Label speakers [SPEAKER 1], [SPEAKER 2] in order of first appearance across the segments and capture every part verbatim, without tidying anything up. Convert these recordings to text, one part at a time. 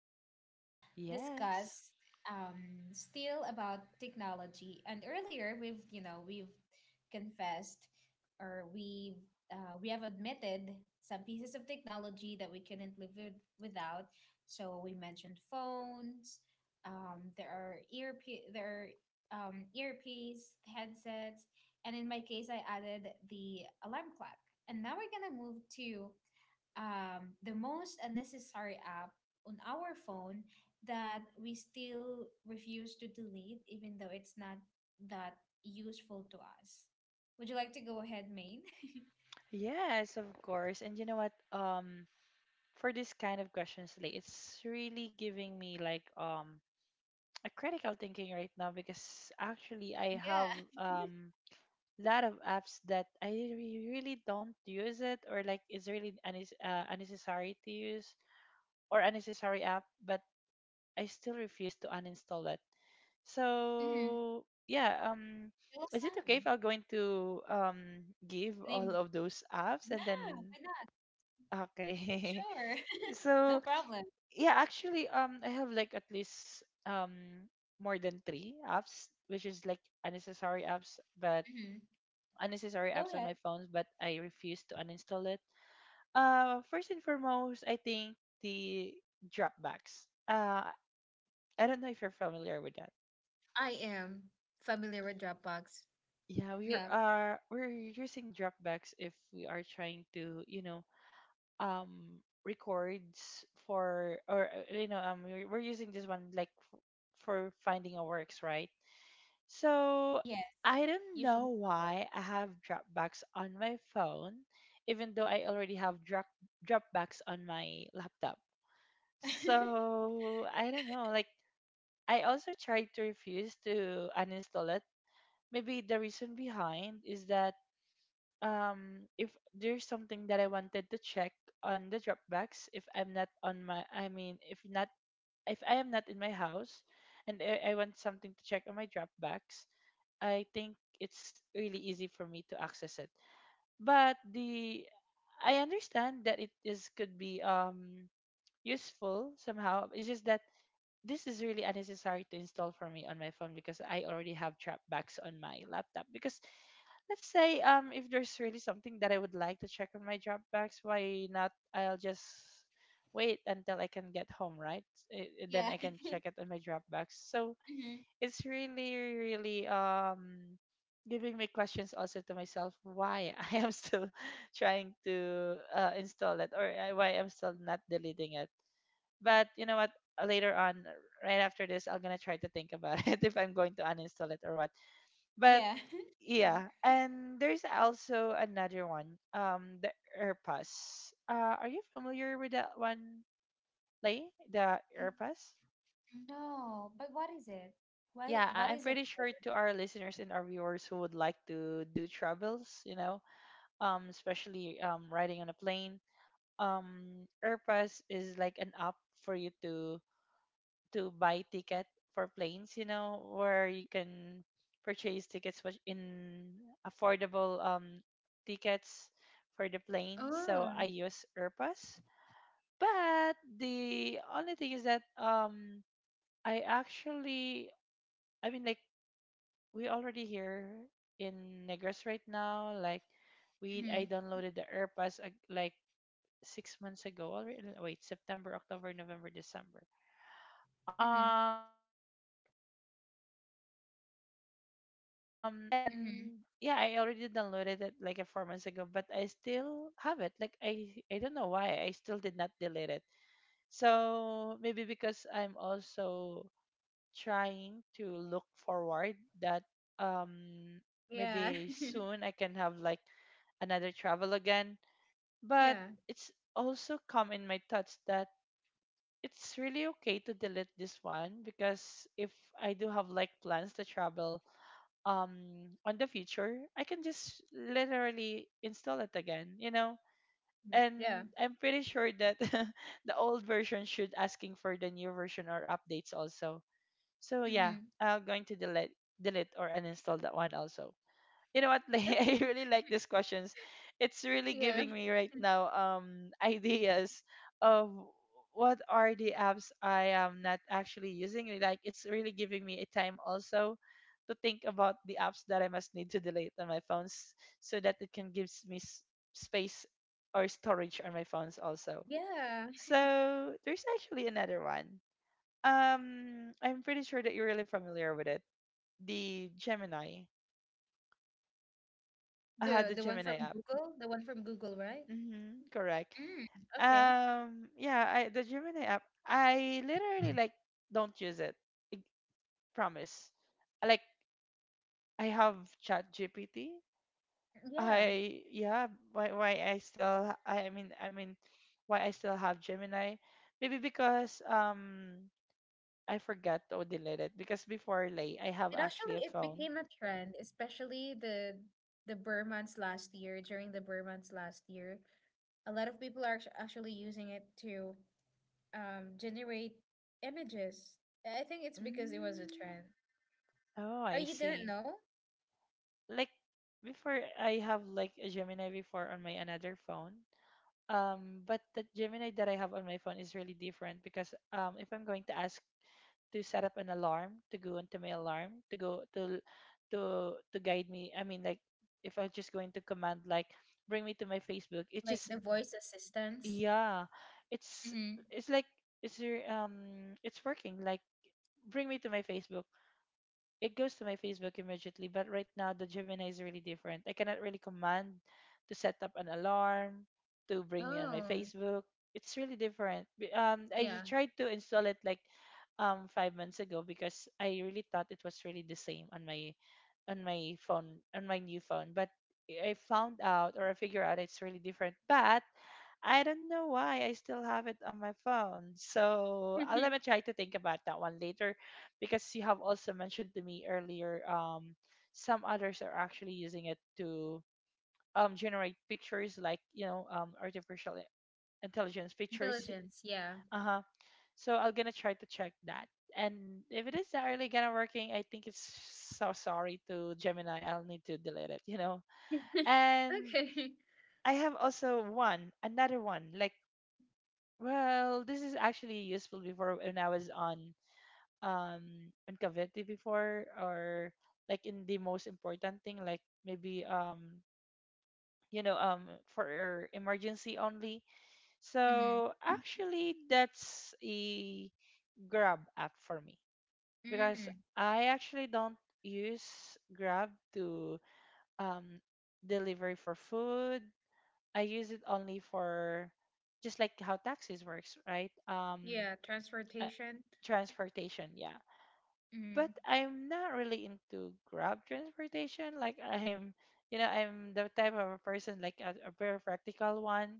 [SPEAKER 1] me to
[SPEAKER 2] Yes.
[SPEAKER 1] discuss um, still about technology. And earlier, we've, you know, we've confessed or we've, uh, we have admitted some pieces of technology that we couldn't live with, without. So we mentioned phones, um, there are ear, there are um, earpiece, headsets, and in my case, I added the alarm clock. And now we're gonna move to um, the most unnecessary app on our phone that we still refuse to delete, even though it's not that useful to us. Would you like to go ahead, Maine?
[SPEAKER 2] Yes, of course. And you know what? Um, for this kind of questions, like it's really giving me like um a critical thinking right now because actually I have
[SPEAKER 1] Yeah.
[SPEAKER 2] um lot of apps that I re- really don't use it, or like it's really unnes uh, unnecessary to use or unnecessary app, but I still refuse to uninstall it.
[SPEAKER 1] Mm-hmm.
[SPEAKER 2] So yeah, um,
[SPEAKER 1] Tell
[SPEAKER 2] is it okay if
[SPEAKER 1] some.
[SPEAKER 2] I'll going to um give all
[SPEAKER 1] Name.
[SPEAKER 2] of those apps and
[SPEAKER 1] Yeah,
[SPEAKER 2] then
[SPEAKER 1] why not?
[SPEAKER 2] okay?
[SPEAKER 1] Sure. No
[SPEAKER 2] So
[SPEAKER 1] problem.
[SPEAKER 2] yeah, actually, um, I have like at least um more than three apps, which is like unnecessary apps, but
[SPEAKER 1] hmm
[SPEAKER 2] unnecessary
[SPEAKER 1] Go
[SPEAKER 2] apps on
[SPEAKER 1] ahead.
[SPEAKER 2] my phones, but I refuse to uninstall it. Uh, first and foremost, I think the Dropbox. Uh, I don't know if you're familiar with that.
[SPEAKER 1] I am familiar with Dropbox.
[SPEAKER 2] Yeah, we are
[SPEAKER 1] Yeah.
[SPEAKER 2] uh we're using Dropbox if we are trying to, you know, um records for, or uh, you know, um we're, we're using this one like f- for finding a works, right? So
[SPEAKER 1] Yes.
[SPEAKER 2] I don't know
[SPEAKER 1] Usually for work.
[SPEAKER 2] why I have Dropbox on my phone even though I already have drop Dropbox on my laptop. So I don't know, like I also tried to refuse to uninstall it. Maybe the reason behind is that um if there's something that I wanted to check on the Dropbox, if I'm not on my, I mean, if not, if I am not in my house, and I, I want something to check on my Dropbox, I think it's really easy for me to access it. But the I understand that it is could be um useful somehow. It's just that this is really unnecessary to install for me on my phone because I already have Dropbox on my laptop, because let's say, um if there's really something that I would like to check on my Dropbox, why not? I'll just wait until I can get home, right? Eh, eh, then
[SPEAKER 1] Yeah.
[SPEAKER 2] I can check it on my Dropbox. So
[SPEAKER 1] Mhm.
[SPEAKER 2] it's really, really um giving me questions also to myself why I am still trying to uh, install it, or uh, why I'm still not deleting it. But you know what? Later on, right after this, I'm gonna try to think about it, if I'm going to uninstall it or what. But
[SPEAKER 1] Yeah. Sure.
[SPEAKER 2] yeah, and there's also another one, um, the Airpass. Uh, are you familiar with that one, Lay? The Airpass?
[SPEAKER 1] No, but what is it?
[SPEAKER 2] Yeah,
[SPEAKER 1] What
[SPEAKER 2] I-
[SPEAKER 1] what
[SPEAKER 2] I'm
[SPEAKER 1] is it
[SPEAKER 2] pretty
[SPEAKER 1] for?
[SPEAKER 2] sure to our listeners and our viewers who would like to do travels, you know, um, especially um, riding on a plane, um, Airpass is like an app for you to to buy ticket for planes, you know, where you can purchase tickets which- in affordable um tickets for the plane. So
[SPEAKER 1] Oh.
[SPEAKER 2] I use Airpass. But the only thing is that um I actually, I mean, like we already here in Negros right now. Like we I
[SPEAKER 1] Mhm.
[SPEAKER 2] downloaded the Airpass uh, like six months ago already. Wait, September, October, November, December.
[SPEAKER 1] Mhm.
[SPEAKER 2] Um yeah, three months, four months, almost four months ago.
[SPEAKER 1] Mhm.
[SPEAKER 2] And yeah, I already downloaded it like a four months ago, but I still have it like i I don't know why I still did not delete it. So maybe because I'm also trying to look forward that um
[SPEAKER 1] Yeah.
[SPEAKER 2] maybe soon I can have like another travel again. But
[SPEAKER 1] Yeah.
[SPEAKER 2] it's also come in my thoughts that it's really okay to delete this one because if I do have like plans to travel um on the future, I can just literally install it again, you know?
[SPEAKER 1] Mhm. Yeah.
[SPEAKER 2] And I'm pretty sure that the old version should asking for the new version or updates also. So yeah,
[SPEAKER 1] Mhm.
[SPEAKER 2] I'm going to delete delete or uninstall that one also. You know what, Lay? I
[SPEAKER 1] Okay.
[SPEAKER 2] really like these questions. It's really
[SPEAKER 1] Yeah.
[SPEAKER 2] giving me right
[SPEAKER 1] Mhm.
[SPEAKER 2] now um ideas of what are the apps I am not actually using. Like it's really giving me a time also to think about the apps that I must need to delete on my phones so that it can gives me s- space or storage on my phones also.
[SPEAKER 1] Yeah.
[SPEAKER 2] So there's actually another one. Um, I'm pretty sure that you're really familiar with it. The Gemini. I
[SPEAKER 1] The
[SPEAKER 2] the
[SPEAKER 1] the one
[SPEAKER 2] Gemini
[SPEAKER 1] from
[SPEAKER 2] app.
[SPEAKER 1] Google, the one from Google, right?
[SPEAKER 2] Mm-hmm, correct.
[SPEAKER 1] Mm. Okay.
[SPEAKER 2] Um, yeah, I the Gemini app, I literally like don't use it. I promise. Like I have Chat G P T.
[SPEAKER 1] Yeah.
[SPEAKER 2] I yeah, why why I still, I mean I mean, why I still have Gemini? Maybe because um I forgot to delete it, because before, Lay, I have
[SPEAKER 1] It
[SPEAKER 2] actually a
[SPEAKER 1] actually it
[SPEAKER 2] phone.
[SPEAKER 1] became a trend, especially the the Burr months last year, during the Burr months last year. A lot of people are actu- actually using it to um generate images. I think it's because it was a
[SPEAKER 2] Mm,
[SPEAKER 1] trend.
[SPEAKER 2] oh,
[SPEAKER 1] Oh,
[SPEAKER 2] I
[SPEAKER 1] you didn't
[SPEAKER 2] see.
[SPEAKER 1] know?
[SPEAKER 2] Like before I have like a Gemini before on my another phone. Um, but the Gemini that I have on my phone is really different because um, if I'm going to ask to set up an alarm, to go into my alarm, to go to to to guide me, I mean, like if I'm just going to command like bring me to my Facebook, it's
[SPEAKER 1] Like
[SPEAKER 2] just
[SPEAKER 1] the voice assistants?
[SPEAKER 2] yeah, it's
[SPEAKER 1] Mm-hmm.
[SPEAKER 2] it's like it's your um it's working like bring me to my Facebook, it goes to my Facebook immediately. But right now, the Gemini is really different. I cannot really command to set up an alarm, to bring me on my
[SPEAKER 1] Oh,
[SPEAKER 2] Facebook. It's really different. B- Um, I
[SPEAKER 1] yeah.
[SPEAKER 2] tried to install it like um five months ago because I really thought it was really the same on my on my phone on my new phone. But I found out, or I figure out, it's really different. But I don't know why I still have it on my phone. So I'll let me try to think about that one later, because you have also mentioned to me earlier um some others are actually using it to um generate pictures, like, you know, um artificial i- intelligence pictures.
[SPEAKER 1] Intelligence, yeah.
[SPEAKER 2] Uh-huh. So I'm gonna try to check that. And if it is not really gonna working, I think it's so sorry to Gemini, I'll need to delete it, you know. And
[SPEAKER 1] Okay.
[SPEAKER 2] I have also one another one, like, well, this is actually useful before when I was on um on Cavite before, or like in the most important thing, like maybe um you know, um for emergency only. So
[SPEAKER 1] Mm-hmm.
[SPEAKER 2] actually that's a Grab app for me, because
[SPEAKER 1] Mm-hmm.
[SPEAKER 2] I actually don't use Grab to um delivery for food. I use it only for just like how taxis works, right? um
[SPEAKER 1] Yeah,
[SPEAKER 2] uh,
[SPEAKER 1] transportation.
[SPEAKER 2] Transportation, yeah.
[SPEAKER 1] Mm-hmm.
[SPEAKER 2] But I'm not really into Grab transportation. Like I'm, you know, I'm the type of a person like a, a very practical one.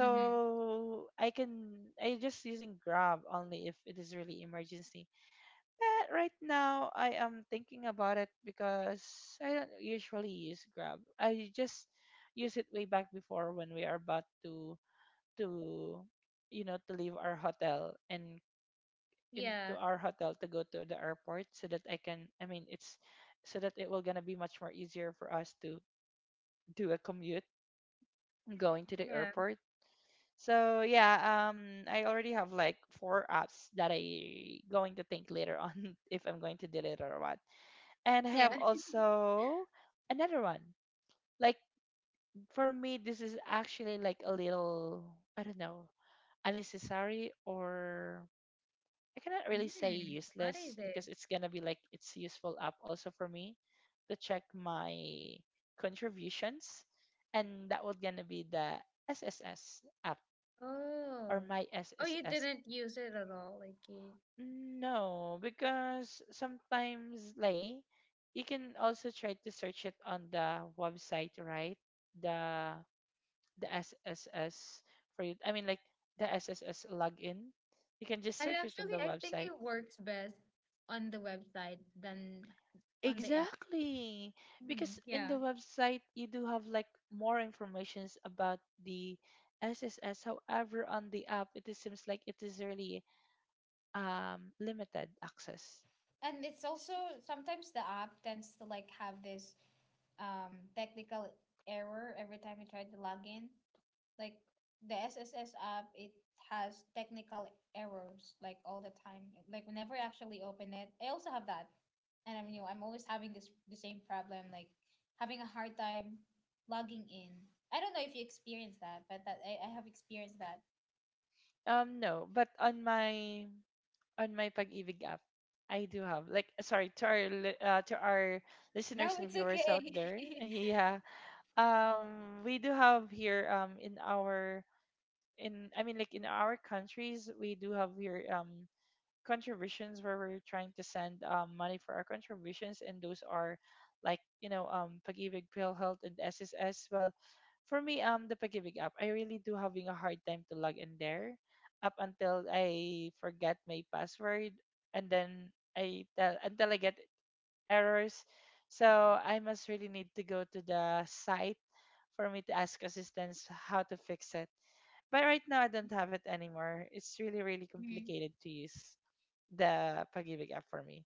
[SPEAKER 1] Mm-hmm.
[SPEAKER 2] I can I just using Grab only if it is really emergency. But right now I am thinking about it, because I don't usually use Grab. I just use it way back before when we are about to to you know, to leave our hotel, and into
[SPEAKER 1] Yeah,
[SPEAKER 2] our hotel to go to the airport, so that I can I mean it's so that it will gonna be much more easier for us to do a commute going to the
[SPEAKER 1] yeah,
[SPEAKER 2] airport. So yeah, um I already have like four apps that I going to think later on if I'm going to delete or what. And I
[SPEAKER 1] yeah.
[SPEAKER 2] have also another one. Like for me this is actually like a little, I don't know, unnecessary, or I cannot really say
[SPEAKER 1] Mm-hmm. What is
[SPEAKER 2] useless,
[SPEAKER 1] it?
[SPEAKER 2] because it's gonna be like it's useful app also for me to check my contributions, and that was gonna be the S S S app or
[SPEAKER 1] Oh.
[SPEAKER 2] my
[SPEAKER 1] Oh, you
[SPEAKER 2] S S S.
[SPEAKER 1] didn't use it at all, like you.
[SPEAKER 2] No, because sometimes like you can also try to search it on the website, right? The the S S S for you. I mean, like the S S S login. You can just
[SPEAKER 1] And it
[SPEAKER 2] search it on
[SPEAKER 1] actually,
[SPEAKER 2] the
[SPEAKER 1] I think
[SPEAKER 2] website,
[SPEAKER 1] it works best on the website than on the app.
[SPEAKER 2] exactly.
[SPEAKER 1] Mm,
[SPEAKER 2] Because in
[SPEAKER 1] yeah.
[SPEAKER 2] the website you do have like more informations about the S S S. However, on the app it is- seems like it is really um limited access.
[SPEAKER 1] And it's also
[SPEAKER 2] S-
[SPEAKER 1] sometimes the app tends to like have this um technical error every time you try to log in. Like the S S S app, it has technical errors like all the time. Like whenever I actually open it, I also have that, and I'm you know I'm always having this the same problem like having a hard time logging in. I don't know if you experience that, but that I, I have experienced that.
[SPEAKER 2] Um no, but on my on my Pag-ibig app I do have like sorry to our li- uh, to our listeners
[SPEAKER 1] No,
[SPEAKER 2] and
[SPEAKER 1] it's
[SPEAKER 2] viewers
[SPEAKER 1] okay.
[SPEAKER 2] out there. Yeah. Um we do have here um in our in I mean, like in our countries we do have here um contributions where we're trying to send um, money for our contributions, and those are like, you know, um Pagibig, PhilHealth, and S S S. Well, for me um the Pagibig app, I really do having a hard time to log in there up until I forget my password, and then I tell until I get errors. So I must really need to go to the site for me to ask assistance how to fix it. But right now, I don't have it anymore. It's really, really
[SPEAKER 1] Mhm.
[SPEAKER 2] complicated to use the Pag-ibig app for me.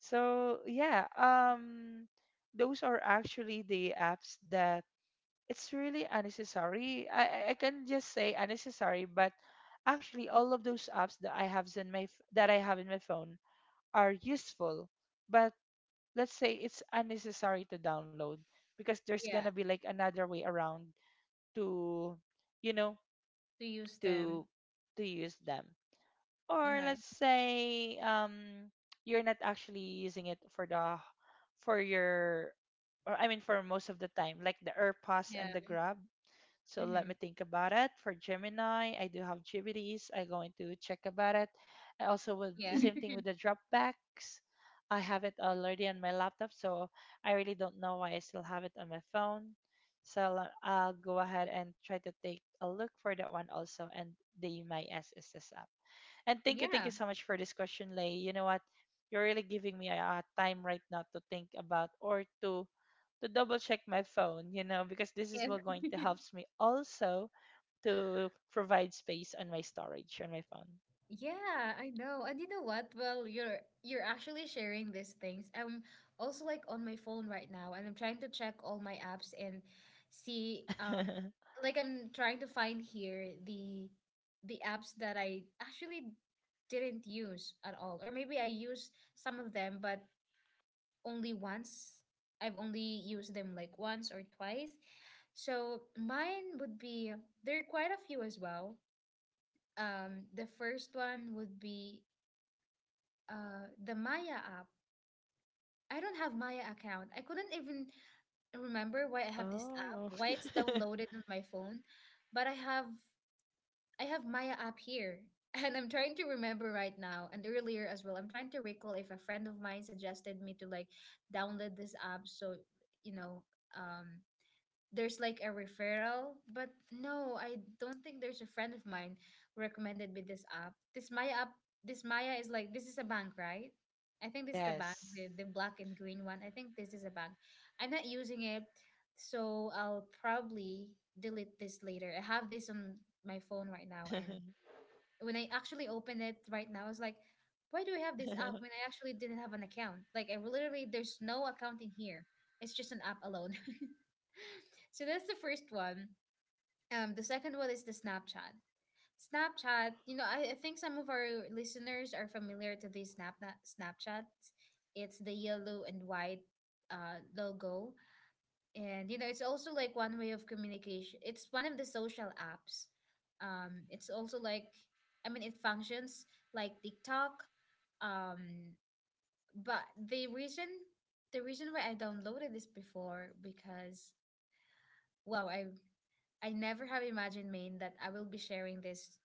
[SPEAKER 2] So yeah, um, those are actually the apps that it's really unnecessary. I I I can just say unnecessary, but actually all of those apps that I have in my f- that I have in my phone are useful. But let's say it's unnecessary to download because there's gonna
[SPEAKER 1] Yeah,
[SPEAKER 2] be like another way around to, you know,
[SPEAKER 1] to use them.
[SPEAKER 2] to to use them.
[SPEAKER 1] All
[SPEAKER 2] Or
[SPEAKER 1] right.
[SPEAKER 2] let's say um you're not actually using it for the for your, or I mean, for most of the time, like the AirPods and the Grab. So let
[SPEAKER 1] Mm-hmm.
[SPEAKER 2] me think about it. For Gemini, I do have G B Ds. I'm going to check about it. I also with the
[SPEAKER 1] Yeah.
[SPEAKER 2] same thing with the dropbacks. I have it already on my laptop, so I really don't know why I still have it on my phone. So le- I'll go ahead and try to take a look for that one also and the My S S S app. And thank you, thank you
[SPEAKER 1] Yeah.
[SPEAKER 2] so much for this question, Lay. You know what? You're really giving me a a time right now to think about or to to double check my phone, you know, because this is
[SPEAKER 1] Yeah.
[SPEAKER 2] what going to helps me also to provide space on my storage on my
[SPEAKER 1] Yeah, I know. And you know what? Well, you're you're actually sharing these things. I'm also like on my phone right now and I'm trying to check all my apps and see um
[SPEAKER 2] phone.
[SPEAKER 1] like I'm trying to find here the the apps that I actually didn't use at all. Or maybe I used some of them, but only once. I've only used them like once or twice. So mine would be there are quite a few as well. Um, the first one would be uh, the Maya app. I don't have Maya account. I couldn't even remember why I have this app, why it's
[SPEAKER 2] Oh.
[SPEAKER 1] downloaded on my phone, but I have I have Maya app here. And I'm trying to remember right now and earlier as well. I'm trying to recall if a friend of mine suggested me to like download this app so you know um there's like a referral, but no, I don't think there's a friend of mine who recommended me this app. This Maya app, this Maya is like this is a bank, right? I think this is the bank,
[SPEAKER 2] Yes.
[SPEAKER 1] the, the black and green one. I think this is a bank. I'm not using it, so I'll probably delete this later. I have this on my phone right now, and when I actually open it right now, I was like, why do I have this app when I actually didn't have an account? Like, I literally, there's no account in here. It's just an app alone. So that's the first one. Um, the second one is the Snapchat. Snapchat, you know, I, I think some of our listeners are familiar to these Snap Snapchat. It's the yellow and white uh, logo, and you know it's also like one way of communication. It's one of the social apps. Um, it's also like I mean it functions like TikTok. Um, but the reason the reason why I downloaded this before, because wow, i i never have imagined, man, that I will be sharing this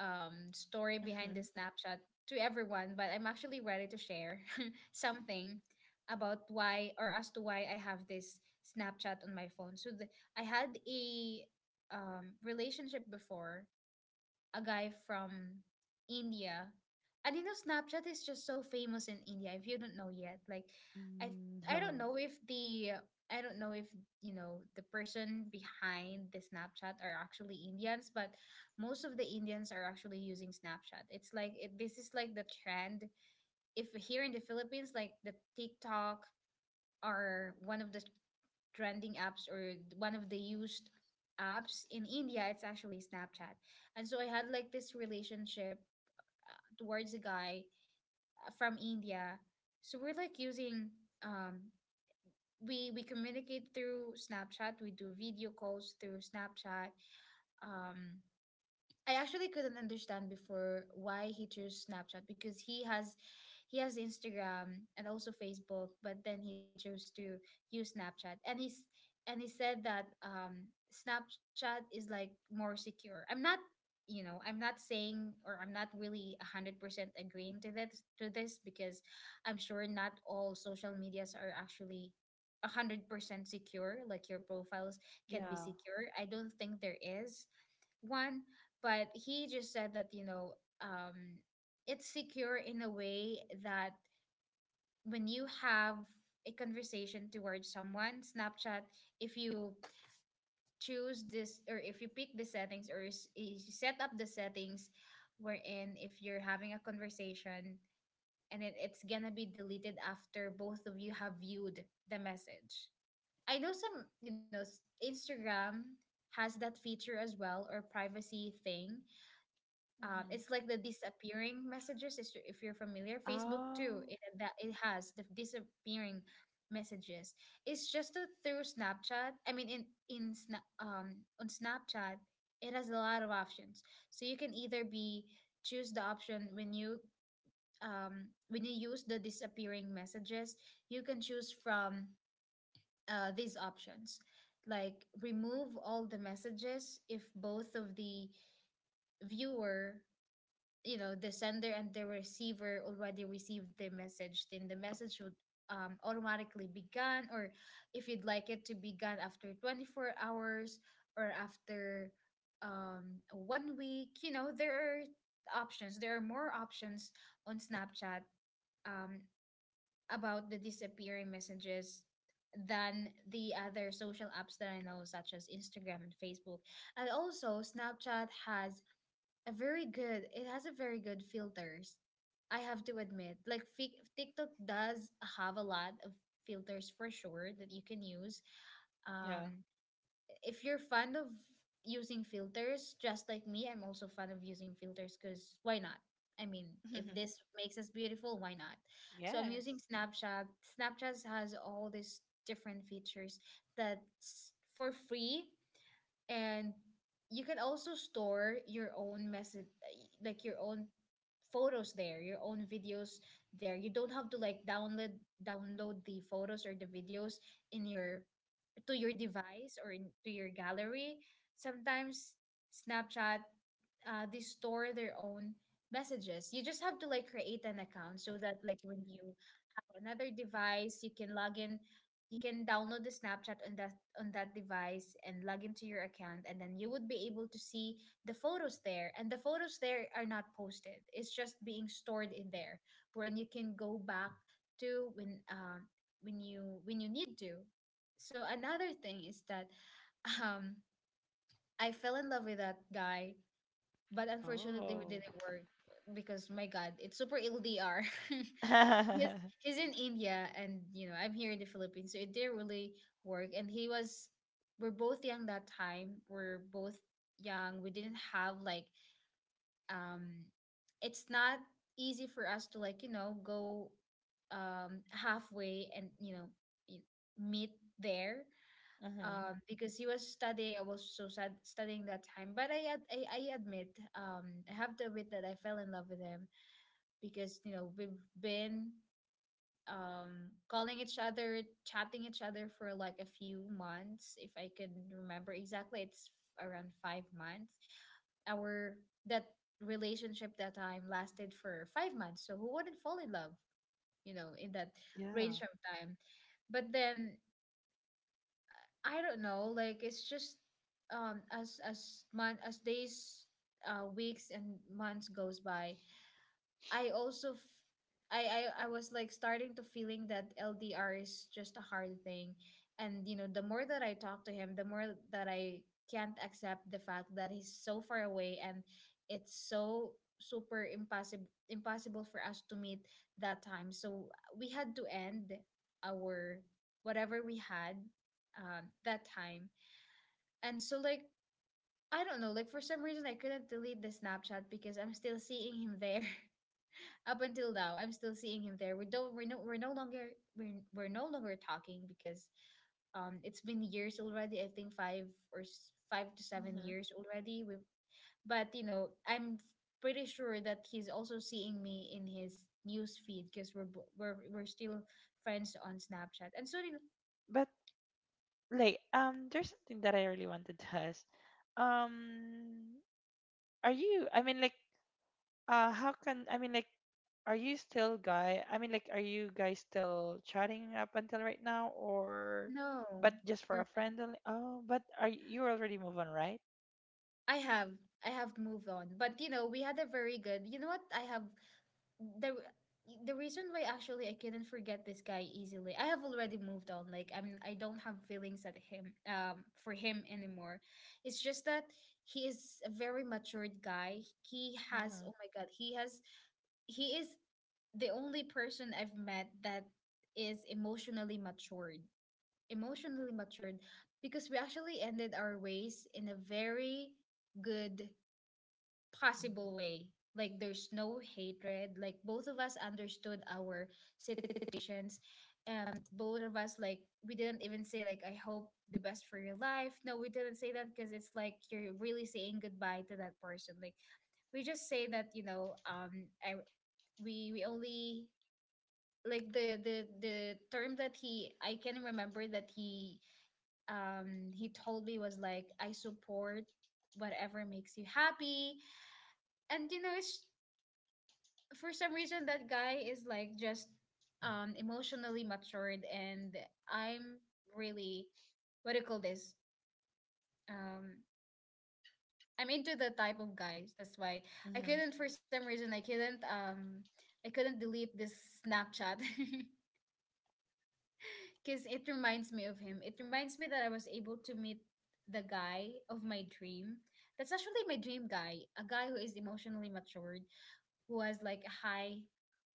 [SPEAKER 1] um, story behind the
[SPEAKER 2] Mhm.
[SPEAKER 1] Snapchat to everyone, but I'm actually ready to share something about why, or as to why I have this Snapchat on my phone. So the, I had a um, relationship before, a guy from India. And you know, Snapchat is just so famous in India. If you don't know yet, like, I I
[SPEAKER 2] No.
[SPEAKER 1] don't know if the I don't know if you know the person behind the Snapchat are actually Indians, but most of the Indians are actually using Snapchat. It's like it, this is like the trend. If here in the Philippines, like the TikTok are one of the trending apps, or one of the used apps in India. It's actually Snapchat. And so I had like this relationship uh, towards a guy uh, from India. So we're like using um we we communicate through Snapchat. We do video calls through Snapchat. Um, I actually couldn't understand before why he chose Snapchat because he has he has Instagram and also Facebook, but then he chose to use Snapchat. And he's and he said that um Snapchat is like more secure. I'm not, you know, I'm not saying, or I'm not really one hundred percent agreeing to that, to this because I'm sure not all social medias are actually one hundred percent secure. Like your profiles can be
[SPEAKER 2] Yeah.
[SPEAKER 1] secure, I don't think there is one, but he just said that, you know, um, it's secure in a way that when you have a conversation towards someone, Snapchat, if you choose this, or if you pick the settings or s- is- you set up the settings wherein if you're having a conversation, and it, it's gonna be deleted after both of you have viewed the message. I know some, you know, s- Instagram has that feature as well, or privacy thing, um,
[SPEAKER 2] Hmm.
[SPEAKER 1] it's like the disappearing messages. Is- if you're familiar, Facebook too,
[SPEAKER 2] Oh.
[SPEAKER 1] it, that it has the disappearing messages. It's just a, through Snapchat, I mean in in Sna- um on Snapchat, it has a lot of options, so you can either be choose the option when you um when you use the disappearing messages. You can choose from uh, these options like remove all the messages if both of the viewer, you know, the sender and the receiver already received the message, then the message would um, automatically be gone. Or if you'd like it to be gone after twenty-four hours, or after um, one week, you know, there are options, there are more options on Snapchat um, about the disappearing messages than the other social apps that I know, such as Instagram and Facebook. And also Snapchat has a very good. It has a very good filters. I have to admit, like fi- TikTok does have a lot of filters for sure that you can use.
[SPEAKER 2] Yeah.
[SPEAKER 1] Um, if you're fond of using filters, just like me, I'm also fond of using filters because why not? I mean, if this makes us beautiful, why not? So I'm
[SPEAKER 2] Yes.
[SPEAKER 1] using Snapchat. Snapchat has all these different features that's for free, and you can also store your own message, like your own photos there, your own videos there. You don't have to like download download the photos or the videos in your to your device or in, to your gallery. Sometimes Snapchat uh, they store their own messages. You just have to like create an account so that like when you have another device, you can log in. You can download the Snapchat on that on that device and log into your account, and then you would be able to see the photos there. And the photos there are not posted; it's just being stored in there, wherein you can go back to when um when you when you need to. So another thing is that um I fell in love with that guy, but unfortunately we
[SPEAKER 2] Oh.
[SPEAKER 1] didn't work because my God, it's super L D R. he's
[SPEAKER 2] Hmm.
[SPEAKER 1] he's in India, and you know I'm here in the Philippines, so it didn't really work. And he was we're both young that time. We're both young. We didn't have like um it's not easy for us to like, you know, go um halfway and, you know, y- meet there, um, because he was studying. I was so sad studying that time. But I, ad- I I admit, um, I have to admit that I fell in love with him because you know we've been um calling each other, chatting each other for like a few months. If I can remember exactly, it's around five months. Our that relationship that time lasted for five months. So who wouldn't fall in love? You know, in that range
[SPEAKER 2] Yeah.
[SPEAKER 1] of time. But then I don't know. Like it's just um as as month as days, uh, weeks and months goes by, I also f- I, I I was like starting to feeling that L D R is just a hard thing, and you know the more that I talk to him, the more that I can't accept the fact that he's so far away, and it's so super impossible impossible for us to meet that time. So we had to end our whatever we had, um, that time. And so, like, I don't know, like for some reason I couldn't delete the Snapchat because I'm still seeing him there. Up until now, I'm still seeing him there. We don't we're no we're no longer we're, we're no longer talking because um it's been years already. I think five or s- five to seven
[SPEAKER 2] Hmm.
[SPEAKER 1] years already. We But you know, I'm f- pretty sure that he's also seeing me in his news feed because we're bo- we're we're still friends on Snapchat. And so did-
[SPEAKER 2] But like, um, there's something that I really wanted to ask. Um, are you? I mean, like, uh, how can I mean, like, are you still guy? I mean, like, are you guys still chatting up until right now, or
[SPEAKER 1] No,
[SPEAKER 2] but just for a
[SPEAKER 1] we're not.
[SPEAKER 2] friend only? Oh, but are y- you already move on, right?
[SPEAKER 1] I have I have moved on, but you know we had a very good. You know what, I have the the reason why actually I couldn't forget this guy easily, I have already moved on. Like I'm, I don't have feelings at him, um, for him anymore. It's just that he is a very matured guy. He has,
[SPEAKER 2] Mm-hmm.
[SPEAKER 1] oh my God, he has, he is the only person I've met that is emotionally matured. Emotionally matured, because we actually ended our ways in a very good possible way. Like there's no hatred. Like both of us understood our situations. Um, both of us, like, we didn't even say like I hope the best for your life. No, we didn't say that because it's like you're really saying goodbye to that person. Like we just say that, you know, um I we we only, like the the the term that he I can remember that he um he told me was like I support whatever makes you happy. And you know, it's for some reason that guy is like just um emotionally matured. And I'm really, what do you call this? Um I'm into the type of guys. That's why I
[SPEAKER 2] Mm-hmm.
[SPEAKER 1] couldn't, for some reason I couldn't um I couldn't delete this Snapchat because it reminds me of him. It reminds me that I was able to meet the guy of my dream. That's actually my dream guy, a guy who is emotionally matured, who has like a high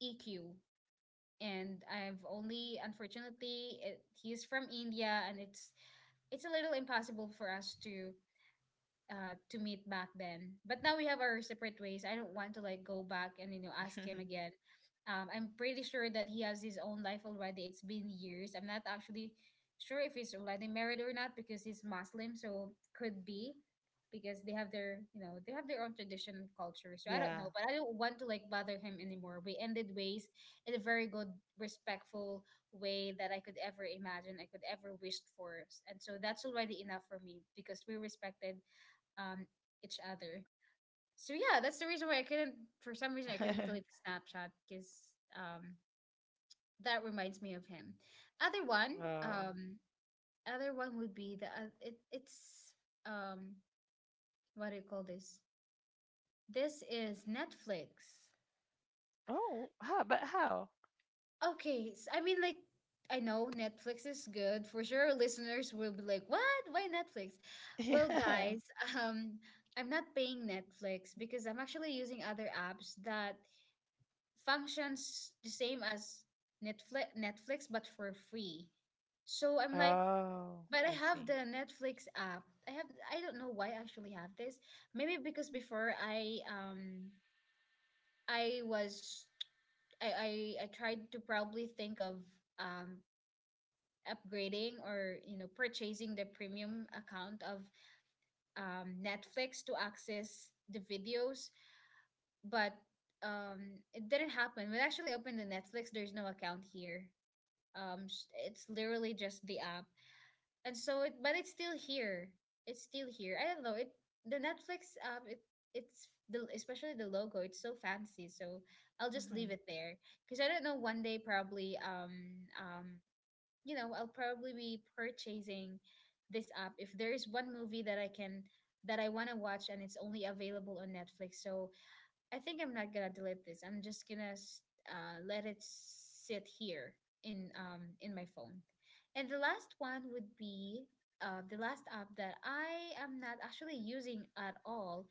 [SPEAKER 1] E Q. And I've only unfortunately it, he's from India and it's it's a little impossible for us to uh, to meet back then. But now we have our separate ways. I don't want to like go back and you know ask him again. Um, I'm pretty sure that he has his own life already. It's been years. I'm not actually sure if he's already married or not because he's Muslim, so could be, because they have their, you know, they have their own tradition and culture. So I don't
[SPEAKER 2] Yeah.
[SPEAKER 1] know, but I don't want to like bother him anymore. We ended ways in a very good, respectful way that I could ever imagine, I could ever wished for, and so that's already enough for me because we respected um each other. So yeah, that's the reason why I couldn't. For some reason, I couldn't delete the Snapchat because um that reminds me of him. Other one,
[SPEAKER 2] Oh.
[SPEAKER 1] um, other one would be the uh, it, it's um what do you call this? This is Netflix.
[SPEAKER 2] Oh. How? But how?
[SPEAKER 1] Okay, s I I mean like I know Netflix is good for sure. Listeners will be like, "What? Why Netflix?" Well,
[SPEAKER 2] Yeah.
[SPEAKER 1] guys, um, I'm not paying Netflix because I'm actually using other apps that functions the same as Netflix, Netflix but for free. So I'm like,
[SPEAKER 2] Oh,
[SPEAKER 1] but I
[SPEAKER 2] I
[SPEAKER 1] have
[SPEAKER 2] see.
[SPEAKER 1] the Netflix app. I have I don't know why I actually have this. Maybe because before I um I was I I, I tried to probably think of um upgrading or you know purchasing the premium account of um Netflix to access the videos, but um it didn't happen. When I actually opened the Netflix, there's no account here. Um s- it's literally just the app. And so it, but it's still here, it's still here I don't know, it the Netflix app, it it's the, especially the logo, it's so fancy. So I'll just leave
[SPEAKER 2] Mm-hmm.
[SPEAKER 1] it there because I don't know, one day probably, um um you know, I'll probably be purchasing this app if there is one movie that I can that I want to watch and it's only available on Netflix. So I think I'm not gonna delete this. I'm just gonna s- uh, Let it sit here in um in my phone. And the last one would be, uh, the last app that I am not actually using at all,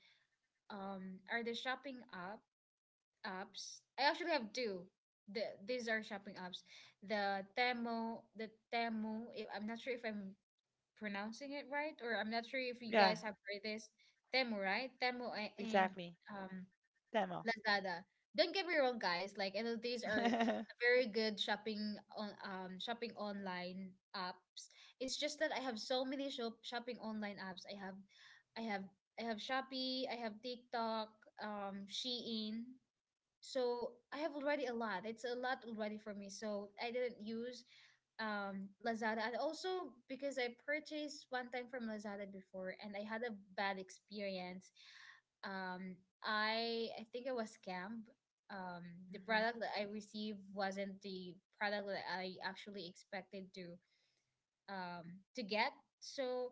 [SPEAKER 1] um, are the shopping app apps. I actually have two. The, these are shopping apps. The Temu, the Temu. if- I'm not sure if I'm pronouncing it right, or I'm not sure if you
[SPEAKER 2] Yeah.
[SPEAKER 1] guys have heard this. Temu, right? Temu a- and
[SPEAKER 2] Exactly.
[SPEAKER 1] um,
[SPEAKER 2] Demo.
[SPEAKER 1] Lazada. Don't get me wrong, guys. Like N L Ts are a very good shopping, on um shopping online apps. It's just that I have so many shop shopping online apps. I have, I have, I have Shopee. I have TikTok. Um, Shein. So I have already a lot. It's a lot already for me. So I didn't use um Lazada. And also because I purchased one time from Lazada before and I had a bad experience, um, I I think it was scammed. Um, the
[SPEAKER 2] Hmm.
[SPEAKER 1] product that I received wasn't the product that I actually expected to um, to get. So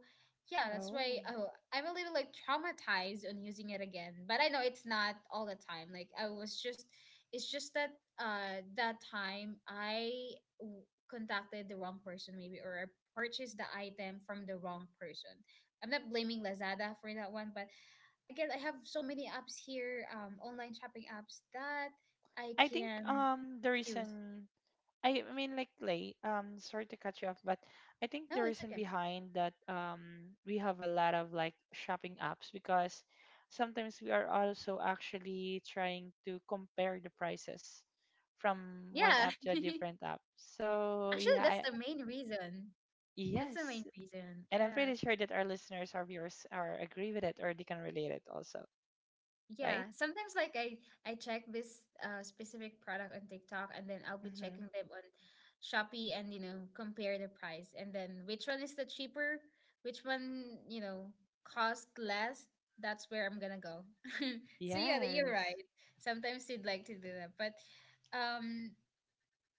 [SPEAKER 1] yeah, that's why,
[SPEAKER 2] Oh,
[SPEAKER 1] oh, I'm a little like traumatized on using it again. But I know it's not all the time. Like I was just, it's just that uh, that time I w- contacted the wrong person maybe, or I purchased the item from the wrong person. I'm not blaming Lazada for that one, but again, I have so many apps here, um, online shopping apps that I
[SPEAKER 2] I think
[SPEAKER 1] can
[SPEAKER 2] um the
[SPEAKER 1] use.
[SPEAKER 2] reason I I mean like Lay, um sorry to cut you off, but I think the
[SPEAKER 1] No, it's
[SPEAKER 2] reason
[SPEAKER 1] okay.
[SPEAKER 2] behind that um we have a lot of like shopping apps because sometimes we are also actually trying to compare the prices from one
[SPEAKER 1] Yeah.
[SPEAKER 2] app to a different app. So
[SPEAKER 1] Actually,
[SPEAKER 2] yeah,
[SPEAKER 1] that's
[SPEAKER 2] I,
[SPEAKER 1] the main reason. That's the main
[SPEAKER 2] yes,
[SPEAKER 1] reason.
[SPEAKER 2] and I'm
[SPEAKER 1] Yeah.
[SPEAKER 2] pretty sure that our listeners or viewers are agree with it or they can relate it also, right?
[SPEAKER 1] Yeah. Sometimes like I I check this uh specific product on TikTok, and then I'll be
[SPEAKER 2] Mm-hmm.
[SPEAKER 1] checking them on Shopee, and you know, compare the price and then which one is the cheaper, which one, you know, cost less, that's where I'm gonna go. So yeah, that- you're right.
[SPEAKER 2] Yes.
[SPEAKER 1] Sometimes you'd like to do that, but um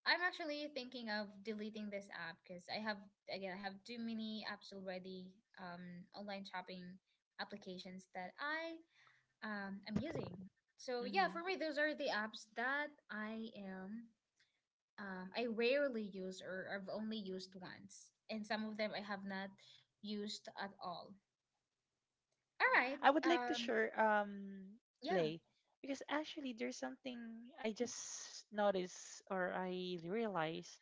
[SPEAKER 1] I'm actually thinking of deleting this app because I have again I have too many apps already, um, online shopping applications that I um, am using. So yeah, for
[SPEAKER 2] Mm-hmm.
[SPEAKER 1] me, those are the apps that I am um, I rarely use or I've only used once, and some of them I have not used at all. All right.
[SPEAKER 2] I would like to
[SPEAKER 1] Um,
[SPEAKER 2] share um
[SPEAKER 1] yeah.
[SPEAKER 2] Lay, because actually there's something I just noticed or I realized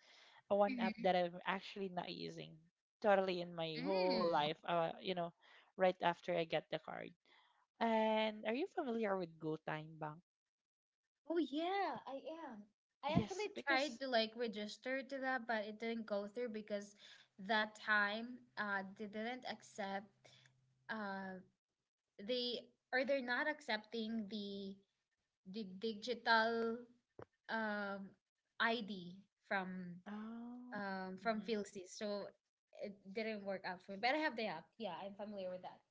[SPEAKER 2] a one app that I'm actually not using totally in my whole
[SPEAKER 1] Mm-hmm.
[SPEAKER 2] life uh you know right after I get the card. And are you familiar with Go Time Bank?
[SPEAKER 1] Oh yeah, I am. I actually
[SPEAKER 2] Yes,
[SPEAKER 1] tried
[SPEAKER 2] because.
[SPEAKER 1] to like register to that, but it didn't go through because that time uh they didn't accept, uh they or they're not accepting the the digital um I D from
[SPEAKER 2] Oh.
[SPEAKER 1] um from
[SPEAKER 2] Mhm.
[SPEAKER 1] Filsys. So it didn't work out for me. But I have the app. Yeah, I'm familiar with that.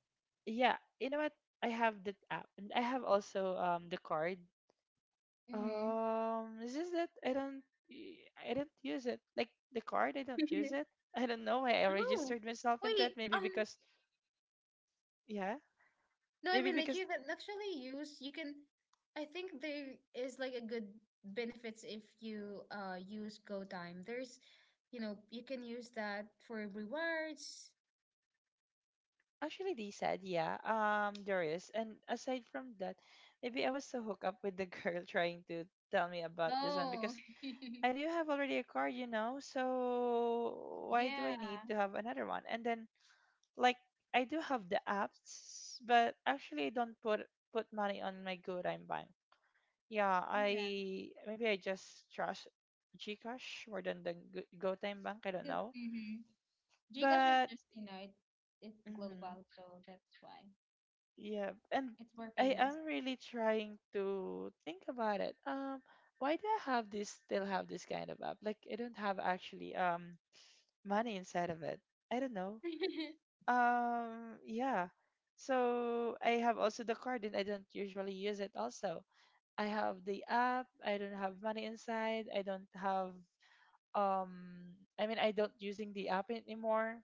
[SPEAKER 2] Yeah, you know what? I have that app and I have also um the card.
[SPEAKER 1] Mm-hmm.
[SPEAKER 2] Um, it's just that I don't, y- I don't use it. Like the card, I don't use it. I don't know why I
[SPEAKER 1] Oh,
[SPEAKER 2] registered myself into it.
[SPEAKER 1] wait.
[SPEAKER 2] Maybe
[SPEAKER 1] Um,
[SPEAKER 2] because, yeah,
[SPEAKER 1] No, I
[SPEAKER 2] maybe
[SPEAKER 1] mean like
[SPEAKER 2] because
[SPEAKER 1] you can actually use, you can I think there is like a good benefits if you uh use Go Time. There's, you know, you can use that for rewards.
[SPEAKER 2] actually they said, yeah, um, there is. And aside from that, maybe I was so hooked up with the girl trying to tell me about this one
[SPEAKER 1] Oh,
[SPEAKER 2] because I do have already a card, you know. So why do I
[SPEAKER 1] yeah,
[SPEAKER 2] need to have another one? And then like I do have the apps, but actually I don't put put money on my good I'm Bank. Yeah,
[SPEAKER 1] yeah,
[SPEAKER 2] I maybe I just trust Gcash more than the Go- GoTime Bank. I don't
[SPEAKER 1] good.
[SPEAKER 2] know,
[SPEAKER 1] Mm-hmm. Gcash is
[SPEAKER 2] but
[SPEAKER 1] just, you know, it, it's
[SPEAKER 2] hmm
[SPEAKER 1] global, so that's why
[SPEAKER 2] yeah, and
[SPEAKER 1] it's more
[SPEAKER 2] I
[SPEAKER 1] famous.
[SPEAKER 2] am really trying to think about it. Um, why do I have this? Still have this kind of app? Like I don't have actually um money inside of it. I don't know. Um, yeah. So I have also the card, and I don't usually use it. Also, I have the app. I don't have money inside. I don't have Um, I mean, I don't using the app anymore.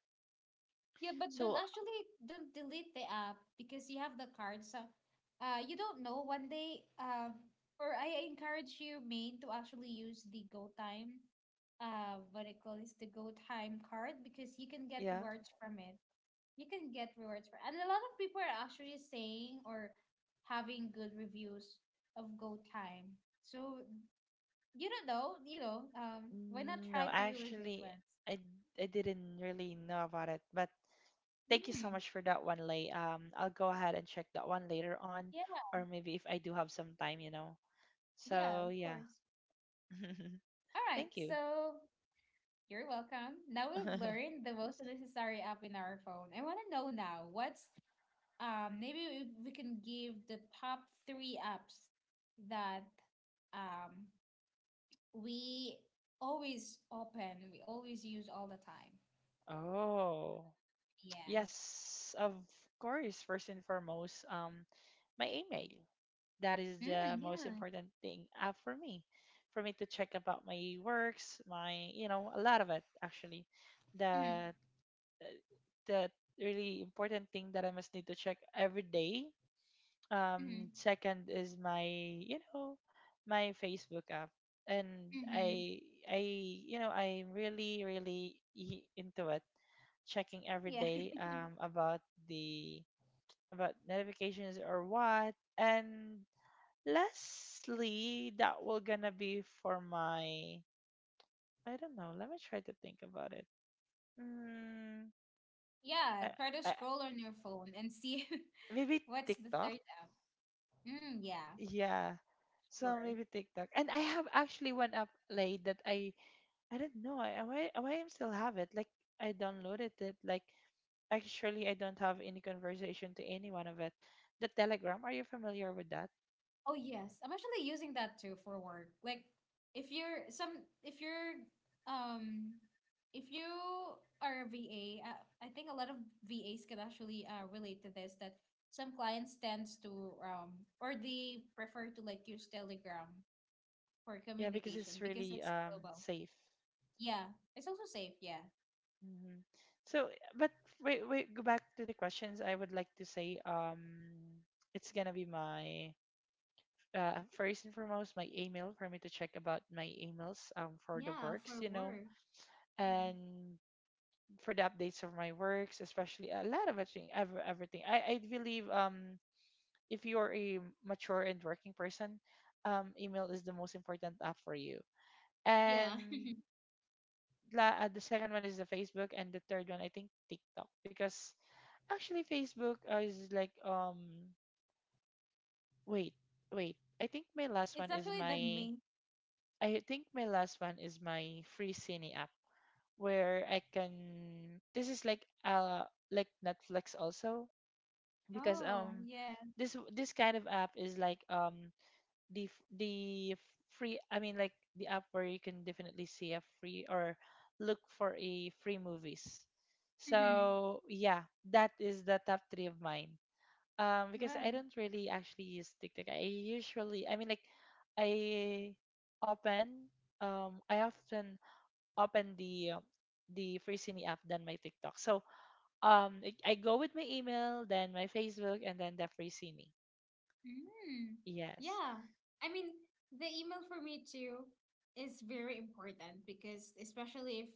[SPEAKER 1] Yeah, but don't
[SPEAKER 2] So
[SPEAKER 1] actually don't delete the app because you have the card. So, uh, you don't know one day. Um, or I encourage you, main, to actually use the Go Time, uh, what I call is the Go Time card, because you can get
[SPEAKER 2] yeah,
[SPEAKER 1] rewards from it. You can get rewards for, and a lot of people are actually saying or having good reviews of Go Time. So you don't know, you know. Um, why not try
[SPEAKER 2] no,
[SPEAKER 1] to use it
[SPEAKER 2] actually,
[SPEAKER 1] once?
[SPEAKER 2] I I didn't really know about it, but thank you so
[SPEAKER 1] Mm,
[SPEAKER 2] much for that one, Lay. Um, I'll go ahead and check that one later on,
[SPEAKER 1] yeah,
[SPEAKER 2] or maybe if I do have some time, you know.
[SPEAKER 1] yeah, of
[SPEAKER 2] So yeah,
[SPEAKER 1] course. All right,
[SPEAKER 2] thank you.
[SPEAKER 1] so you're welcome. Now we've learned the most necessary app in our phone. I want to know now what's um maybe if we can give the top three apps that um we always open, we always use all the time.
[SPEAKER 2] Oh,
[SPEAKER 1] Yeah.
[SPEAKER 2] yes, of course. First and foremost, um, my email. That is the
[SPEAKER 1] Mm,
[SPEAKER 2] most
[SPEAKER 1] yeah.
[SPEAKER 2] important thing uh, for me, for me to check about my works, my, you know, a lot of it actually.
[SPEAKER 1] Mm,
[SPEAKER 2] That uh, the really important thing that I must need to check every day.
[SPEAKER 1] mm,
[SPEAKER 2] Um, second is my, you know, my Facebook app, and
[SPEAKER 1] mm-hmm.
[SPEAKER 2] I, I, you know, I'm really, really i- into it, checking every
[SPEAKER 1] Yeah.
[SPEAKER 2] day um, about the about notifications or what. And lastly, that will gonna be for my. I don't know. Let me try to think about it. Mm,
[SPEAKER 1] Yeah.
[SPEAKER 2] I,
[SPEAKER 1] Try to
[SPEAKER 2] I,
[SPEAKER 1] scroll on your phone and see
[SPEAKER 2] maybe
[SPEAKER 1] what's the
[SPEAKER 2] TikTok.
[SPEAKER 1] third app. Mm, yeah.
[SPEAKER 2] Yeah. So
[SPEAKER 1] Sure.
[SPEAKER 2] maybe TikTok. And I have actually one app like that I I don't know. I why why I still have it. Like I downloaded it. Like actually I don't have any conversation to anyone of it. The Telegram. Are you familiar with that?
[SPEAKER 1] Oh yes, I'm actually using that too for work. Like if you're some if you're um if you are a V A, I, I think a lot of V As can actually uh, relate to this, that some clients tends to um or they prefer to like use Telegram for
[SPEAKER 2] Yeah, because
[SPEAKER 1] communication
[SPEAKER 2] it's
[SPEAKER 1] because
[SPEAKER 2] really
[SPEAKER 1] it's
[SPEAKER 2] um
[SPEAKER 1] global.
[SPEAKER 2] safe.
[SPEAKER 1] Yeah, it's also safe, yeah.
[SPEAKER 2] Mhm. So, but wait, wait, go back to the questions. I would like to say, um, it's gonna be my uh, first and foremost my email for me to check about my emails um for the
[SPEAKER 1] Yeah,
[SPEAKER 2] works,
[SPEAKER 1] for
[SPEAKER 2] you know,
[SPEAKER 1] work. Yeah.
[SPEAKER 2] and for the updates of my works, especially a lot of everything, ev- everything. I I believe um if you are a mature and working person, um, email is the most important app for you.
[SPEAKER 1] Yeah.
[SPEAKER 2] And la, uh, the second one is the Facebook, and the third one I think TikTok because actually, Facebook uh, is like um wait, wait. I think my
[SPEAKER 1] It's
[SPEAKER 2] last one
[SPEAKER 1] actually
[SPEAKER 2] is
[SPEAKER 1] the main.
[SPEAKER 2] my I think my last one is my free cine app where I can, this is like uh like Netflix also because
[SPEAKER 1] Oh,
[SPEAKER 2] um
[SPEAKER 1] yeah.
[SPEAKER 2] this this kind of app is like um the f- the free, I mean like the app where you can definitely see a free or look for a free movies.
[SPEAKER 1] Mm-hmm.
[SPEAKER 2] So yeah, that is the top three of mine. Um, because I
[SPEAKER 1] Wow.
[SPEAKER 2] don't really actually use TikTok. I usually, I mean, like, I open, um, I often open the uh, the Free app than my TikTok. So, um, I I go with my email, then my Facebook, and then the Free.
[SPEAKER 1] Mm,
[SPEAKER 2] Yes.
[SPEAKER 1] yeah. I mean, the email for me too is very important because especially if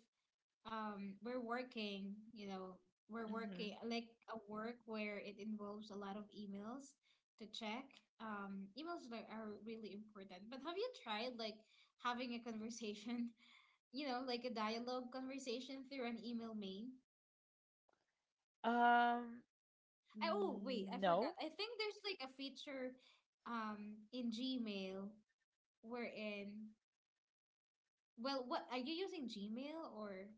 [SPEAKER 1] um we're working, you know, we're
[SPEAKER 2] Mm-hmm.
[SPEAKER 1] working like a work where it involves a lot of emails to check. Um, emails like are really important. But have you tried like having a conversation, you know, like a dialogue conversation through an email main?
[SPEAKER 2] Um,
[SPEAKER 1] I, oh, wait,
[SPEAKER 2] mm,
[SPEAKER 1] I
[SPEAKER 2] no.
[SPEAKER 1] forgot. I think there's like a feature um in Gmail, wherein, well, what are you using Gmail or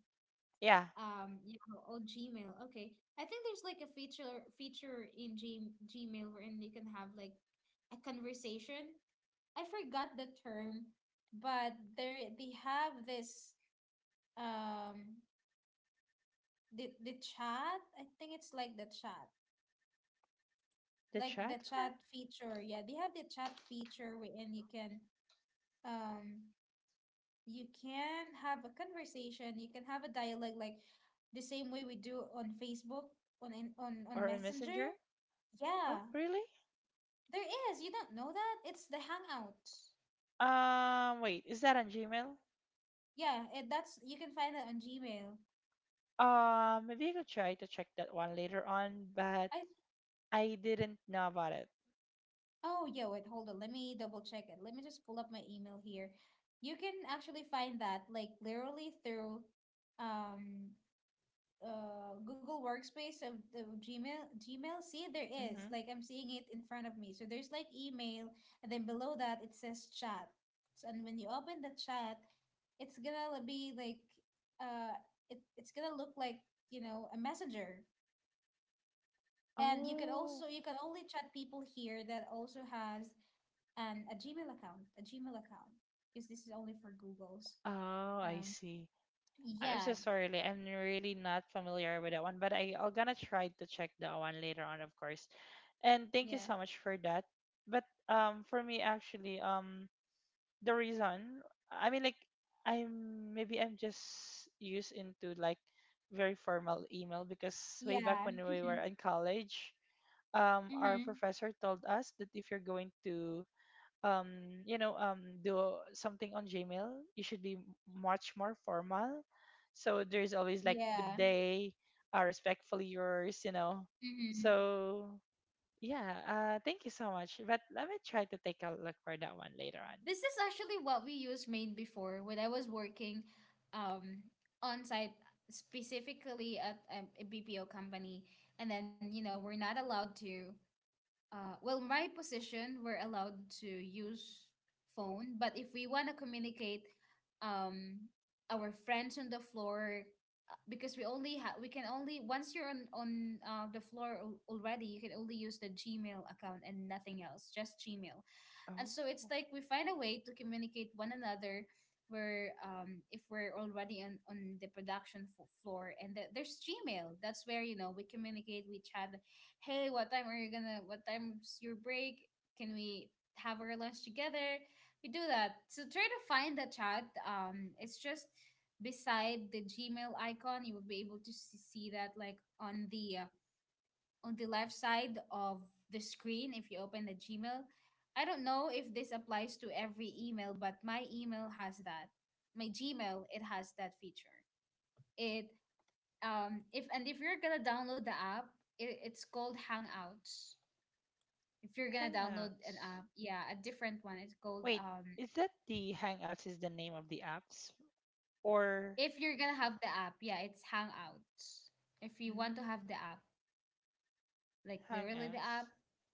[SPEAKER 2] Yeah,
[SPEAKER 1] uh, um Yahoo? Oh, Gmail. Okay. I think there's like a feature feature in G Gmail wherein you can have like a conversation. I forgot the term, but there they have this um the the chat. I think it's like the chat.
[SPEAKER 2] the
[SPEAKER 1] Like
[SPEAKER 2] chat
[SPEAKER 1] the
[SPEAKER 2] one
[SPEAKER 1] chat feature. Yeah, they have the chat feature wherein you can um you can have a conversation, you can have a dialogue like the same way we do on Facebook, on in, on on
[SPEAKER 2] or a
[SPEAKER 1] Messenger.
[SPEAKER 2] messenger. Oh,
[SPEAKER 1] Yeah,
[SPEAKER 2] really?
[SPEAKER 1] there is. You don't know that? It's the Hangout.
[SPEAKER 2] Um, wait, is that on Gmail?
[SPEAKER 1] Yeah, it, that's you can find that on Gmail.
[SPEAKER 2] Uh, maybe I could try to check that one later on, but
[SPEAKER 1] I
[SPEAKER 2] I didn't know about it.
[SPEAKER 1] oh yeah, wait, hold on. Let me double check it. Let me just pull up my email here. You can actually find that like literally through um uh Google Workspace of the Gmail Gmail. See, there is.
[SPEAKER 2] Mm-hmm.
[SPEAKER 1] Like I'm seeing it in front of me. So there's like email, and then below that it says chat. So, and when you open the chat, it's gonna be like uh it, it's gonna look like, you know, a messenger. And you can
[SPEAKER 2] Oh,
[SPEAKER 1] also you can only chat people here that also has an a Gmail account, a Gmail account. Because this is only for Google's.
[SPEAKER 2] oh, I
[SPEAKER 1] Um
[SPEAKER 2] see. I- I'm
[SPEAKER 1] yeah,
[SPEAKER 2] so sorry. Like, I'm really not familiar with that one, but I, I'm gonna try to check that one later on, of course. And thank you
[SPEAKER 1] yeah.
[SPEAKER 2] so much for that. But um, for me actually, um, the reason. I mean, like, I'm maybe I'm just used into like very formal email, because way back
[SPEAKER 1] Yeah.
[SPEAKER 2] when we were in college, um our
[SPEAKER 1] Mm-hmm.
[SPEAKER 2] professor told us that if you're going to um you know um do something on Gmail, you should be much more formal, so there's always like good
[SPEAKER 1] Yeah.
[SPEAKER 2] day, uh, respectfully yours, you know
[SPEAKER 1] Mm-hmm.
[SPEAKER 2] so yeah, uh thank you so much. But let me try to take a look for that one later on.
[SPEAKER 1] This is actually what we used made before when I was working um, on site, specifically at um, a B P O company. And then, you know, we're not allowed to, uh, well, my position, we're allowed to use phone, but if we want to communicate um, our friends on the floor, uh, because we only have, we can only, once you're on, on uh, the floor al- already, you can only use the Gmail account and nothing else, just Gmail. And so it's
[SPEAKER 2] Oh,
[SPEAKER 1] like we find a way to communicate one another where um if we're already on on the production f- floor and the, there's Gmail, that's where, you know, we communicate, we chat. Hey, what time are you gonna what time's your break? Can we have our lunch together? We do that. So try to find the chat. Um it's just beside the Gmail icon. You will be able to s- see that like on the uh, on the left side of the screen if you open the Gmail. I don't know if this applies to every email, but my email has that. My Gmail, it has that feature. It um If, and if you're gonna download the app, it, it's called Hangouts. If you're gonna download an
[SPEAKER 2] Hangouts.
[SPEAKER 1] app, yeah, a different one. It's called
[SPEAKER 2] Wait,
[SPEAKER 1] um
[SPEAKER 2] is that the Hangouts is the name of the apps, or
[SPEAKER 1] if you're gonna have the app, yeah, it's Hangouts. If you want to
[SPEAKER 2] mm,
[SPEAKER 1] have the app, like literally the
[SPEAKER 2] Hangouts?
[SPEAKER 1] app,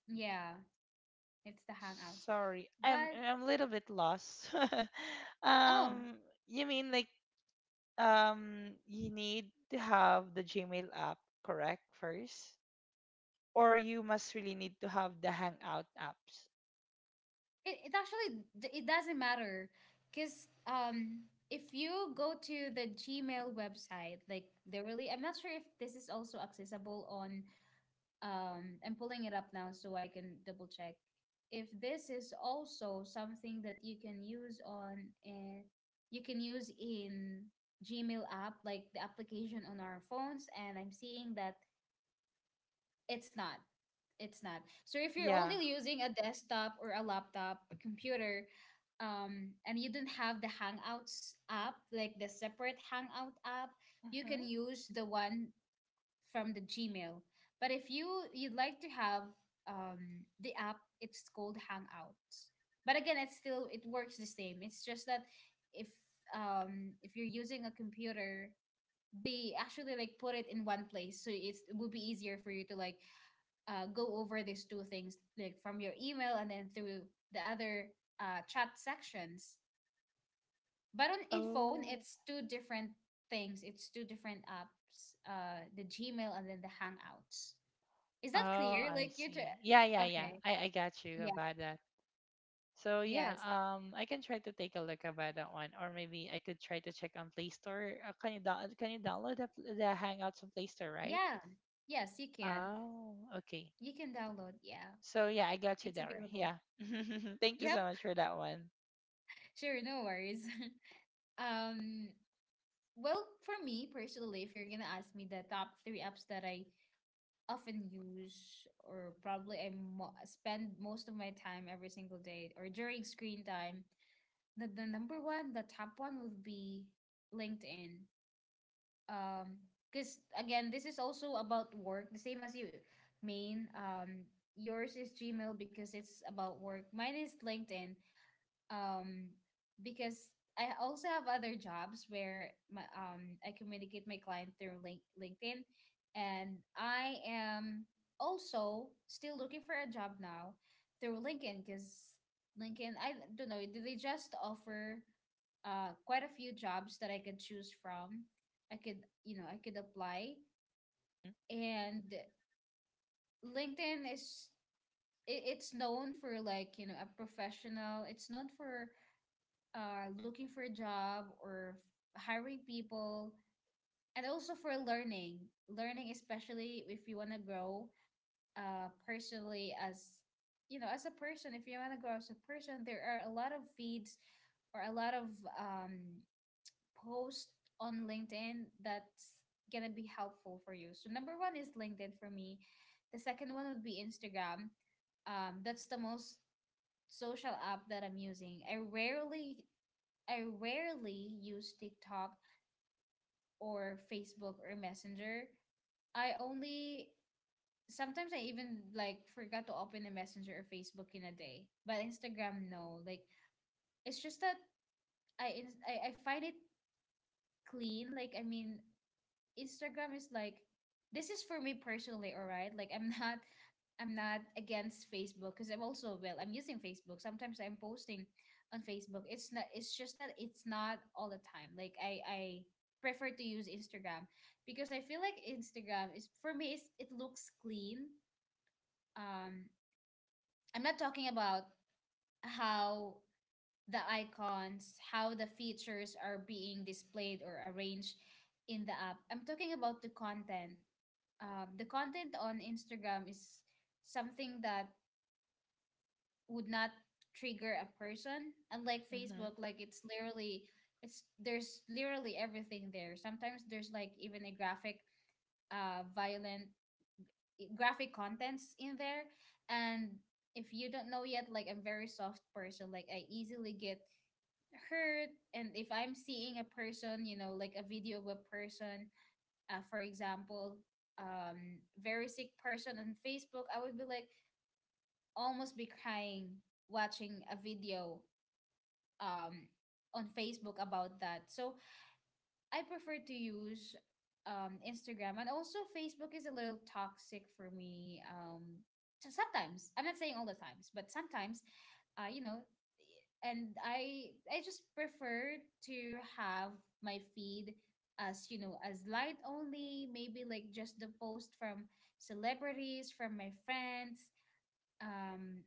[SPEAKER 1] yeah, it's the Hangouts.
[SPEAKER 2] Sorry, I'm
[SPEAKER 1] But
[SPEAKER 2] I'm a little bit lost.
[SPEAKER 1] oh,
[SPEAKER 2] um, you mean like um you need to have the Gmail app correct first, or you must really need to have the Hangout apps?
[SPEAKER 1] It, it actually d- it doesn't matter because um if you go to the Gmail website, like they really I'm not sure if this is also accessible on um I'm pulling it up now so I can double check if this is also something that you can use on uh, you can use in Gmail app like the application on our phones, and I'm seeing that it's not. It's not. So if you're
[SPEAKER 2] Yeah.
[SPEAKER 1] only using a desktop or a laptop, a computer, um, and you don't have the Hangouts app, like the separate Hangout app, you can
[SPEAKER 2] Mm-hmm.
[SPEAKER 1] use the one from the Gmail. But if you you'd like to have um, the app, it's called Hangouts. But again, it's still it works the same. It's just that if um, if you're using a computer, they actually like put it in one place, so it's, it will be easier for you to like uh, go over these two things like from your email and then through the other uh, chat sections. But on in phone
[SPEAKER 2] Oh,
[SPEAKER 1] it's two different things, it's two different apps, uh, the Gmail and then the Hangouts. Is
[SPEAKER 2] oh,
[SPEAKER 1] that clear?
[SPEAKER 2] I
[SPEAKER 1] Like you tr-
[SPEAKER 2] see. Yeah, yeah, yeah.
[SPEAKER 1] okay.
[SPEAKER 2] I I got you
[SPEAKER 1] Yeah.
[SPEAKER 2] about that. So yeah,
[SPEAKER 1] Yes.
[SPEAKER 2] um, I can try to take a look about that one, or maybe I could try to check on Play Store. Uh, can you down Can you download the, pl- the Hangouts on Play Store, right?
[SPEAKER 1] Yeah, yes you can.
[SPEAKER 2] Oh, okay.
[SPEAKER 1] You can download, yeah.
[SPEAKER 2] So yeah, I got you
[SPEAKER 1] It's
[SPEAKER 2] there.
[SPEAKER 1] available.
[SPEAKER 2] Yeah. Thank you
[SPEAKER 1] Yep,
[SPEAKER 2] so much for that one.
[SPEAKER 1] sure, no worries. um well, for me personally, if you're gonna ask me the top three apps that I often use, or probably I mo- spend most of my time every single day or during screen time, the, the number one, the top one would be LinkedIn. Um, because again, this is also about work, the same as you, main. Um, yours is Gmail because it's about work. Mine is LinkedIn um because I also have other jobs where my, um I communicate my client through link, LinkedIn, and I am also still looking for a job now through LinkedIn because LinkedIn, I don't know, do they just offer uh quite a few jobs that I could choose from. I could, you know, I could apply.
[SPEAKER 2] Mhm.
[SPEAKER 1] And LinkedIn is it, it's known for like, you know, a professional. It's known for uh, looking for a job or f- hiring people, and also for learning. Learning, especially if you want to grow uh, personally as, you know, as a person. If you want to grow as a person, there are a lot of feeds or a lot of um, posts on LinkedIn that's gonna be helpful for you. So number one is LinkedIn for me. The second one would be Instagram. Um, that's the most social app that I'm using. I rarely I rarely use TikTok or Facebook or Messenger. I only Sometimes I even like forgot to open the Messenger or Facebook in a day. But Instagram, no. Like it's just that I ins- I, I find it clean. Like I mean, Instagram is like this is for me personally, all right? Like I'm not I'm not against Facebook because I'm also well, I'm using Facebook. Sometimes I'm posting on Facebook. It's not it's just that it's not all the time. Like I I prefer to use Instagram because I feel like Instagram is for me it's, it looks clean. Um I'm not talking about how the icons, how the features are being displayed or arranged in the app. I'm talking about the content, um, the content on Instagram is something that would not trigger a person. Unlike
[SPEAKER 2] Mhm.
[SPEAKER 1] Facebook, like it's literally it's there's literally everything there. Sometimes there's like even a graphic uh, violent graphic contents in there. And if you don't know yet, like I'm very soft person. Like I easily get hurt, and if I'm seeing a person, you know, like a video of a person uh, for example, um, very sick person on Facebook, I would be like almost be crying watching a video um, on Facebook about that. So I prefer to use um, Instagram. And also Facebook is a little toxic for me. Um, so sometimes, I'm not saying all the times, but sometimes, uh, you know, and I I just prefer to have my feed as, you know, as light only, maybe like just the post from celebrities, from my friends, um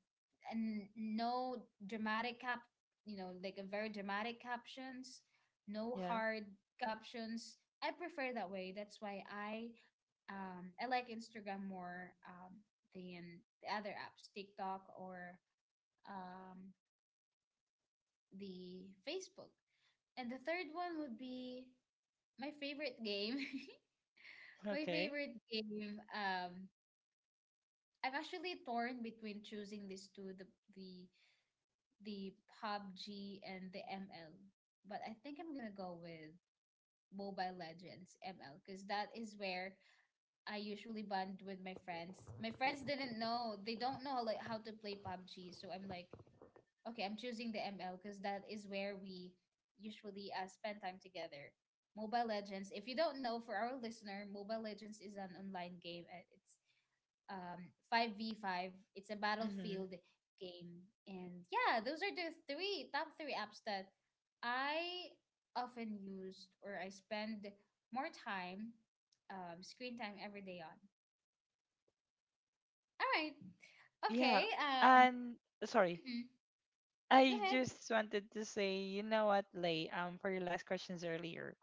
[SPEAKER 1] and no dramatic cap you know, like a very dramatic captions, no
[SPEAKER 2] Yeah.
[SPEAKER 1] hard captions. I prefer that way. That's why I um I like Instagram more um than the other apps, TikTok or um the Facebook. And the third one would be my favorite game. My
[SPEAKER 2] Okay.
[SPEAKER 1] favorite game, um I'm actually torn between choosing these two, the the the P U B G and the M L. But I think I'm gonna go with Mobile Legends, M L, because that is where I usually bond with my friends. My friends didn't know they don't know like how to play P U B G, so I'm like, okay, I'm choosing the M L because that is where we usually uh, spend time together. Mobile Legends. If you don't know, for our listener, Mobile Legends is an online game. And It's um, five v five. It's a
[SPEAKER 2] Mhm.
[SPEAKER 1] battlefield game. And yeah, those are the three top three apps that I often used or I spend more time, um, screen time every day on. All right.
[SPEAKER 2] Yeah.
[SPEAKER 1] Okay. Um,
[SPEAKER 2] And sorry,
[SPEAKER 1] mhm. Go
[SPEAKER 2] I
[SPEAKER 1] ahead.
[SPEAKER 2] just wanted to say, you know what, Lay? Um, for your last questions earlier,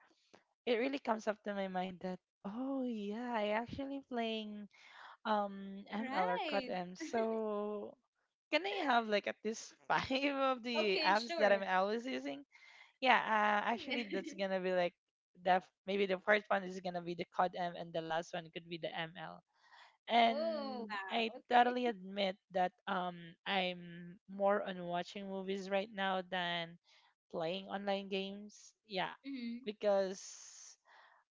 [SPEAKER 2] it really comes up to my mind that oh yeah, I actually playing, Um, M L or
[SPEAKER 1] Right.
[SPEAKER 2] C O D-M. So can I have like at least five of the
[SPEAKER 1] Okay,
[SPEAKER 2] apps that I'm
[SPEAKER 1] sure.
[SPEAKER 2] always using? Yeah, uh,
[SPEAKER 1] Yeah.
[SPEAKER 2] actually that's gonna be like the f- maybe the first one is gonna be the C O D-M and the last one could be the M L.
[SPEAKER 1] Oh,
[SPEAKER 2] And
[SPEAKER 1] wow.
[SPEAKER 2] I
[SPEAKER 1] Okay.
[SPEAKER 2] totally admit that um I'm more on watching movies right now than playing online games. Yeah,
[SPEAKER 1] Mhm.
[SPEAKER 2] because,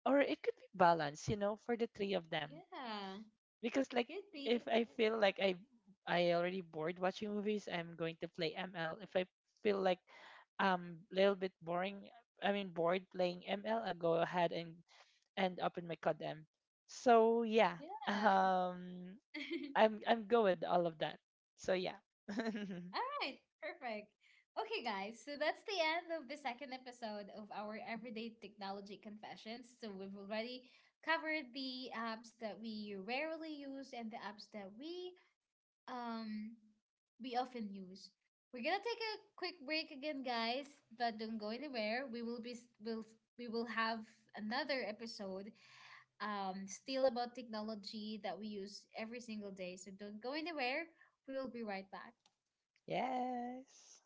[SPEAKER 2] or it could be balanced, you know, for the three of them,
[SPEAKER 1] Yeah.
[SPEAKER 2] because like
[SPEAKER 1] Could be.
[SPEAKER 2] if I feel like I I already bored watching movies, I'm going to play M L. If I feel like um little bit boring, I mean bored playing M L, I'll go ahead and and open my C O D M. So yeah,
[SPEAKER 1] Yeah.
[SPEAKER 2] um, I'm I'm good with all of that. So yeah,
[SPEAKER 1] All right, perfect. Okay, guys, so that's the end of the second episode of our Everyday Technology Confessions. So we've already covered the apps that we rarely use and the apps that we um we often use. We're gonna take a quick break again, guys, but don't go anywhere. We will be s- will We will have another episode um still about technology that we use every single day. So don't go anywhere. We will be right back.
[SPEAKER 2] yes.